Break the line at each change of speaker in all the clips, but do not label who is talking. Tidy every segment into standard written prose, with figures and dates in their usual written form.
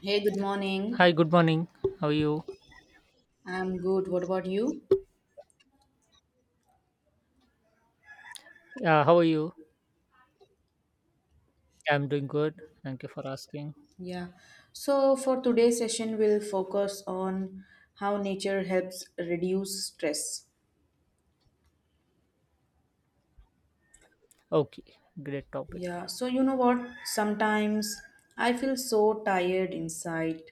Hey, good morning.
Hi, good morning. How are you?
I'm good. What about you?
Yeah, how are you? I'm doing good. Thank you for asking.
Yeah. So, for today's session, we'll focus on how nature helps reduce stress.
Okay, great topic.
Yeah, so you know what? Sometimes I feel so tired inside,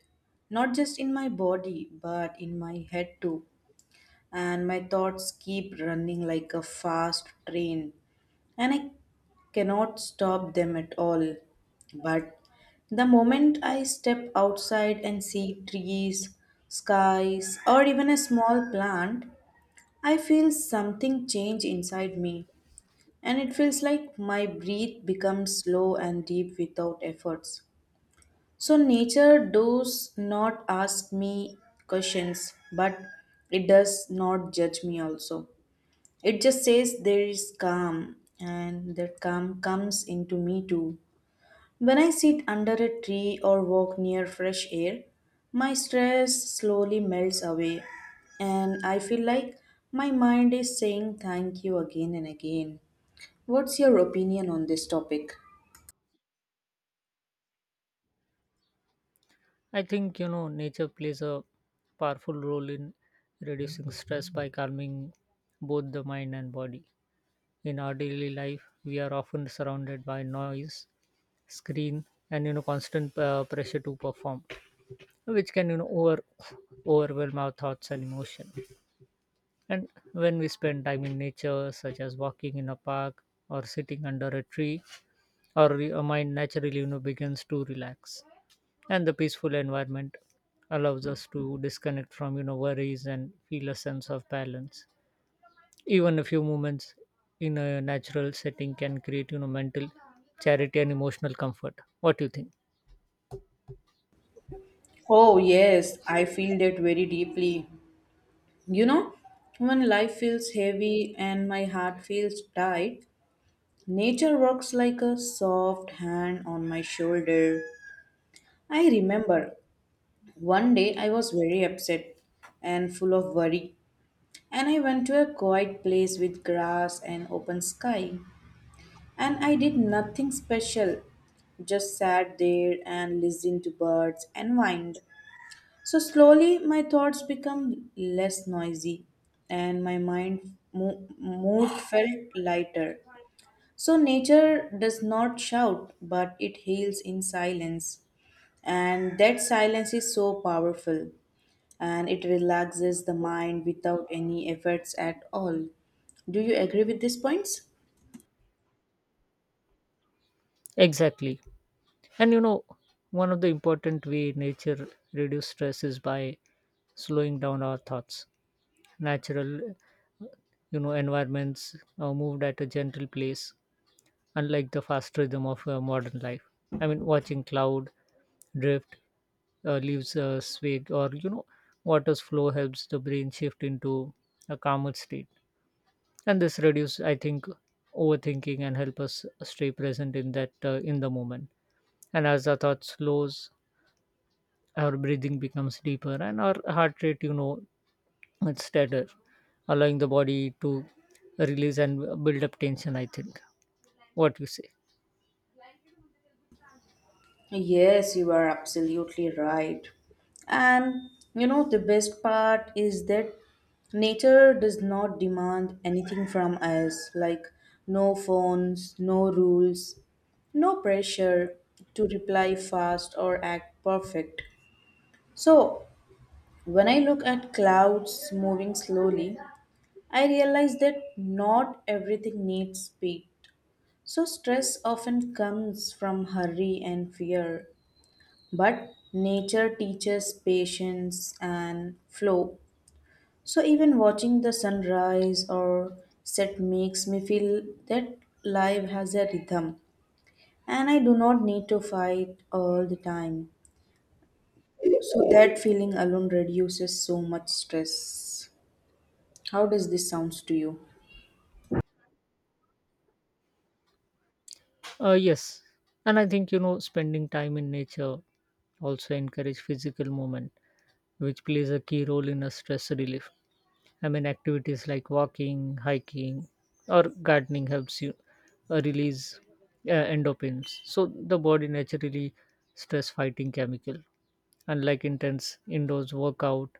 not just in my body, but in my head too. And my thoughts keep running like a fast train, and I cannot stop them at all. But the moment I step outside and see trees, skies, or even a small plant, I feel something change inside me, and it feels like my breath becomes slow and deep without efforts. So, nature does not ask me questions, but it does not judge me also. It just says there is calm, and that calm comes into me too. When I sit under a tree or walk near fresh air, my stress slowly melts away, and I feel like my mind is saying thank you again and again. What's your opinion on this topic?
I think you know nature plays a powerful role in reducing stress by calming both the mind and body. In our daily life, we are often surrounded by noise, screen, and you know constant pressure to perform, which can you know overwhelm our thoughts and emotion. And when we spend time in nature, such as walking in a park or sitting under a tree, our mind naturally you know begins to relax, and the peaceful environment allows us to disconnect from you know worries and feel a sense of balance. Even a few moments in a natural setting can create you know mental charity and emotional comfort. What do you think?
Oh, yes, I feel that very deeply. You know, when life feels heavy and my heart feels tight, nature works like a soft hand on my shoulder. I remember one day I was very upset and full of worry, and I went to a quiet place with grass and open sky. And I did nothing special, just sat there and listened to birds and wind. So slowly my thoughts become less noisy, and my mood felt lighter. So, nature does not shout, but it heals in silence. And that silence is so powerful, and it relaxes the mind without any efforts at all. Do you agree with these points?
Exactly, and you know one of the important way nature reduce stress is by slowing down our thoughts. Natural you know environments are moved at a gentle pace, unlike the fast rhythm of modern life. I mean, watching cloud drift, leaves swig, or you know, water's flow helps the brain shift into a calmer state, and this reduce, I think, overthinking and help us stay present in that in the moment. And as our thought slows, our breathing becomes deeper, and our heart rate, you know, it's steadier, allowing the body to release and build up tension. I think. What you say?
Yes, you are absolutely right. And you know, the best part is that nature does not demand anything from us, like no phones, no rules, no pressure to reply fast or act perfect. So, when I look at clouds moving slowly, I realize that not everything needs speed. So, stress often comes from hurry and fear. But nature teaches patience and flow. So even watching the sunrise or set makes me feel that life has a rhythm and I do not need to fight all the time. So that feeling alone reduces so much stress. How does this sounds to you?
Yes, and I think you know spending time in nature also encourage physical movement, which plays a key role in a stress relief. I mean, activities like walking, hiking, or gardening helps you release endorphins. So the body naturally stress-fighting chemical. Unlike intense indoors workout,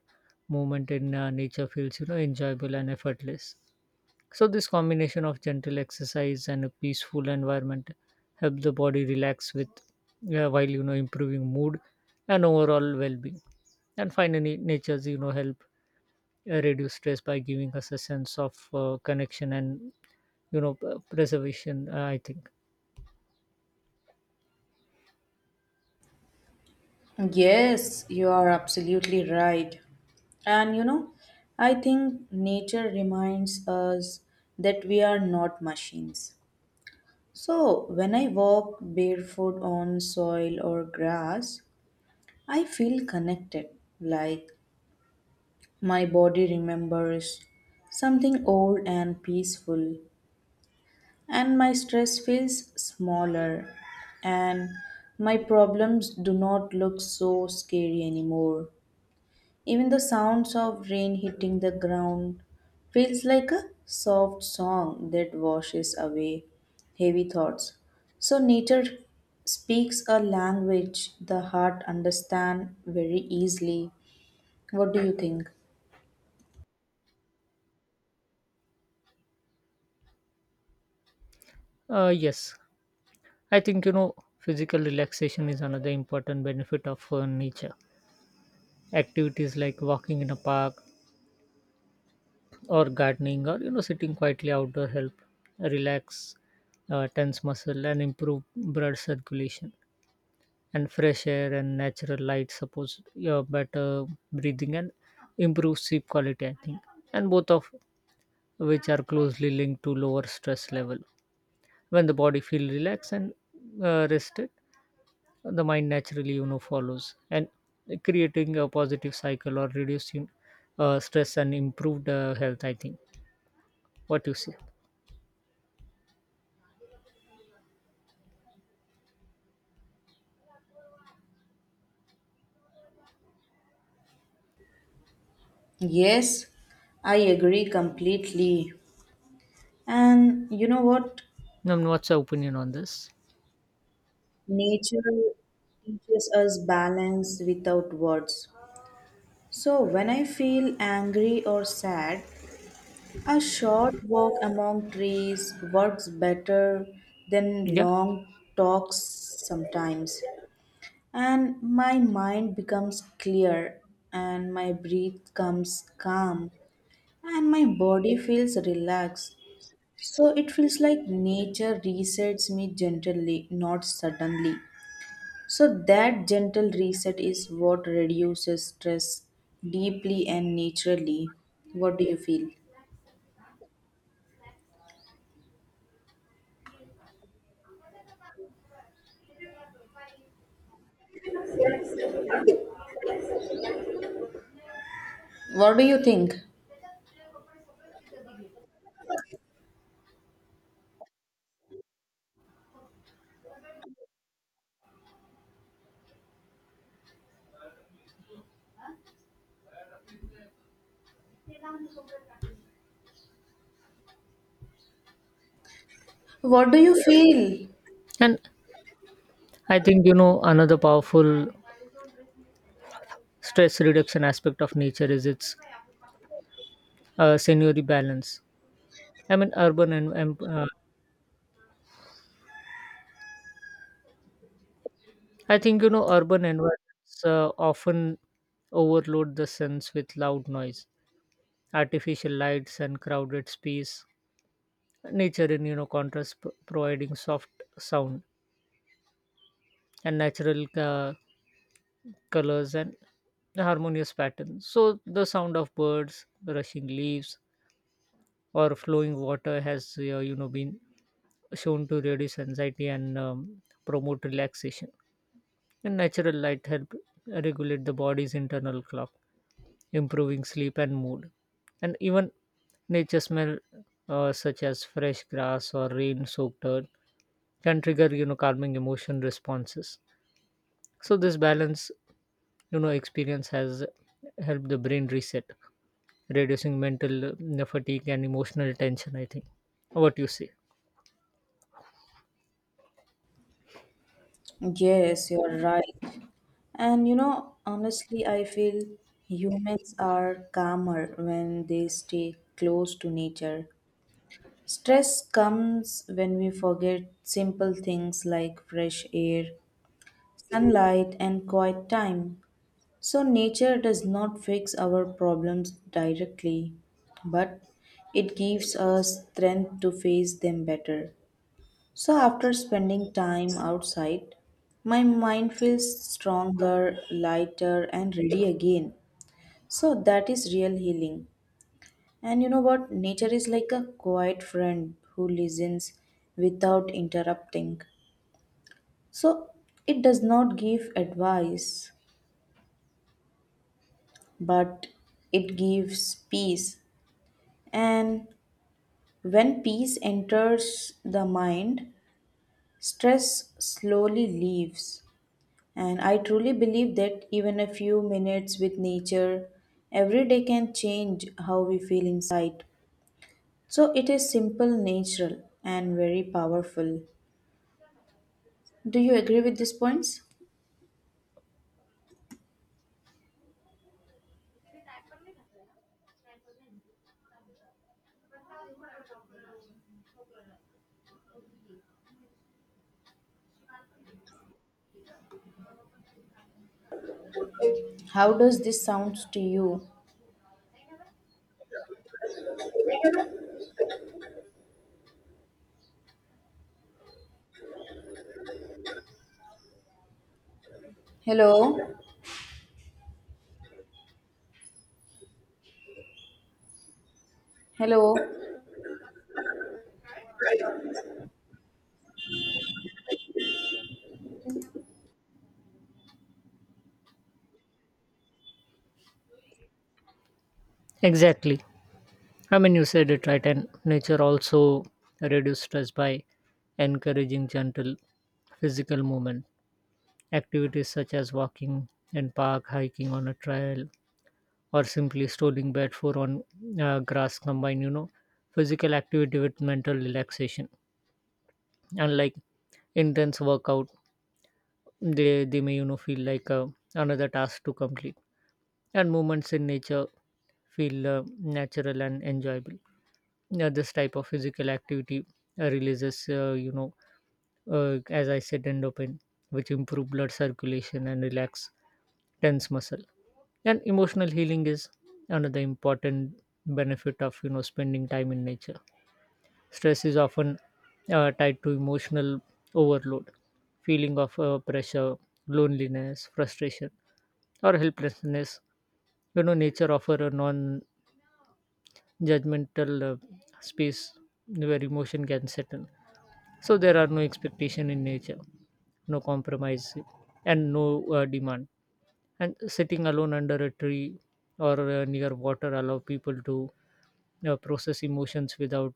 movement in nature feels you know enjoyable and effortless. So, this combination of gentle exercise and a peaceful environment help the body relax with while you know improving mood and overall well-being. And finally, nature's you know help reduce stress by giving us a sense of connection and you know preservation. I think.
Yes, you are absolutely right. And you know, I think nature reminds us that we are not machines. So, when I walk barefoot on soil or grass, I feel connected, like my body remembers something old and peaceful, and my stress feels smaller, and my problems do not look so scary anymore. Even the sounds of rain hitting the ground feels like a soft song that washes away heavy thoughts. So nature speaks a language the heart understand very easily. What do you think?
Yes, I think you know physical relaxation is another important benefit of nature. Activities like walking in a park or gardening or you know sitting quietly outdoor help relax tense muscle and improve blood circulation, and fresh air and natural light supports your better breathing and improve sleep quality, I think, and both of which are closely linked to lower stress level. When the body feels relaxed and rested, the mind naturally you know follows and creating a positive cycle or reducing stress and improved health, I think. What you say?
Yes, I agree completely. And you know what?
What's your opinion on this?
Nature teaches us balance without words. So when I feel angry or sad, a short walk among trees works better than
Yeah.
long talks sometimes. And my mind becomes clear, and my breath comes calm, and my body feels relaxed. So it feels like nature resets me gently, not suddenly. So that gentle reset is what reduces stress deeply and naturally. What do you feel? What do you think? What do you feel?
And I think, you know, another powerful stress reduction aspect of nature is its scenery balance. I mean, urban and I think, you know, urban environments often overload the sense with loud noise, artificial lights, and crowded space. Nature, in, you know, contrast, providing soft sound and natural colors and harmonious patterns. So, the sound of birds, rushing leaves, or flowing water has you know been shown to reduce anxiety and promote relaxation, and natural light help regulate the body's internal clock, improving sleep and mood. And even nature smell, such as fresh grass or rain soaked earth, can trigger you know calming emotion responses. So this balance you know experience has helped the brain reset, reducing mental fatigue and emotional tension, I think. What you say?
Yes, you're right. And you know, honestly, I feel humans are calmer when they stay close to nature. Stress comes when we forget simple things like fresh air, sunlight, and quiet time. So, nature does not fix our problems directly, but it gives us strength to face them better. So, after spending time outside, my mind feels stronger, lighter, and ready again. So, that is real healing. And you know what? Nature is like a quiet friend who listens without interrupting. So, it does not give advice, but it gives peace. And when peace enters the mind, stress slowly leaves. And I truly believe that even a few minutes with nature every day can change how we feel inside. So it is simple, natural, and very powerful. Do you agree with these points? How does this sounds to you? Hello? Hello?
Exactly. I mean, you said it right, and nature also reduces stress by encouraging gentle physical movement. Activities such as walking in park, hiking on a trail, or simply strolling barefoot on grass combine, you know, physical activity with mental relaxation. Unlike intense workout, they may, you know, feel like another task to complete. And movements in nature feel natural and enjoyable. Yeah, this type of physical activity releases you know as I said endorphin, which improve blood circulation and relax tense muscle. And emotional healing is another important benefit of you know spending time in nature. Stress is often tied to emotional overload, feeling of pressure, loneliness, frustration, or helplessness. You know, nature offer a non judgmental space where emotion can settle. So there are no expectation in nature, no compromise, and no demand. And sitting alone under a tree or near water allow people to process emotions without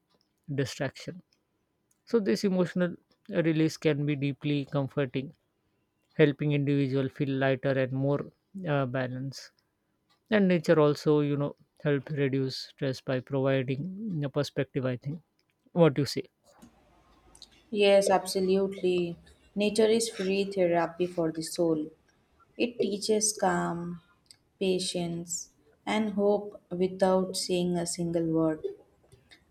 distraction. So this emotional release can be deeply comforting, helping individual feel lighter and more balanced. And nature also you know help reduce stress by providing a perspective, I think. What do you say?
Yes, absolutely. Nature is free therapy for the soul. It teaches calm, patience, and hope without saying a single word.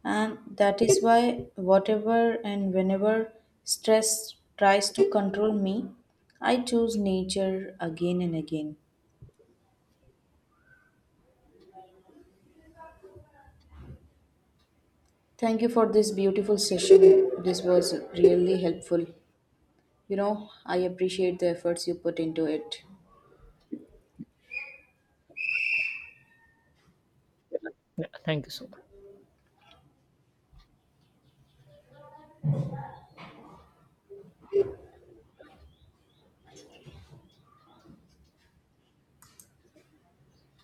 And that is why, whatever and whenever stress tries to control me, I choose nature again and again. Thank you for this beautiful session. This was really helpful. You know, I appreciate the efforts you put into it.
Yeah, thank you so much.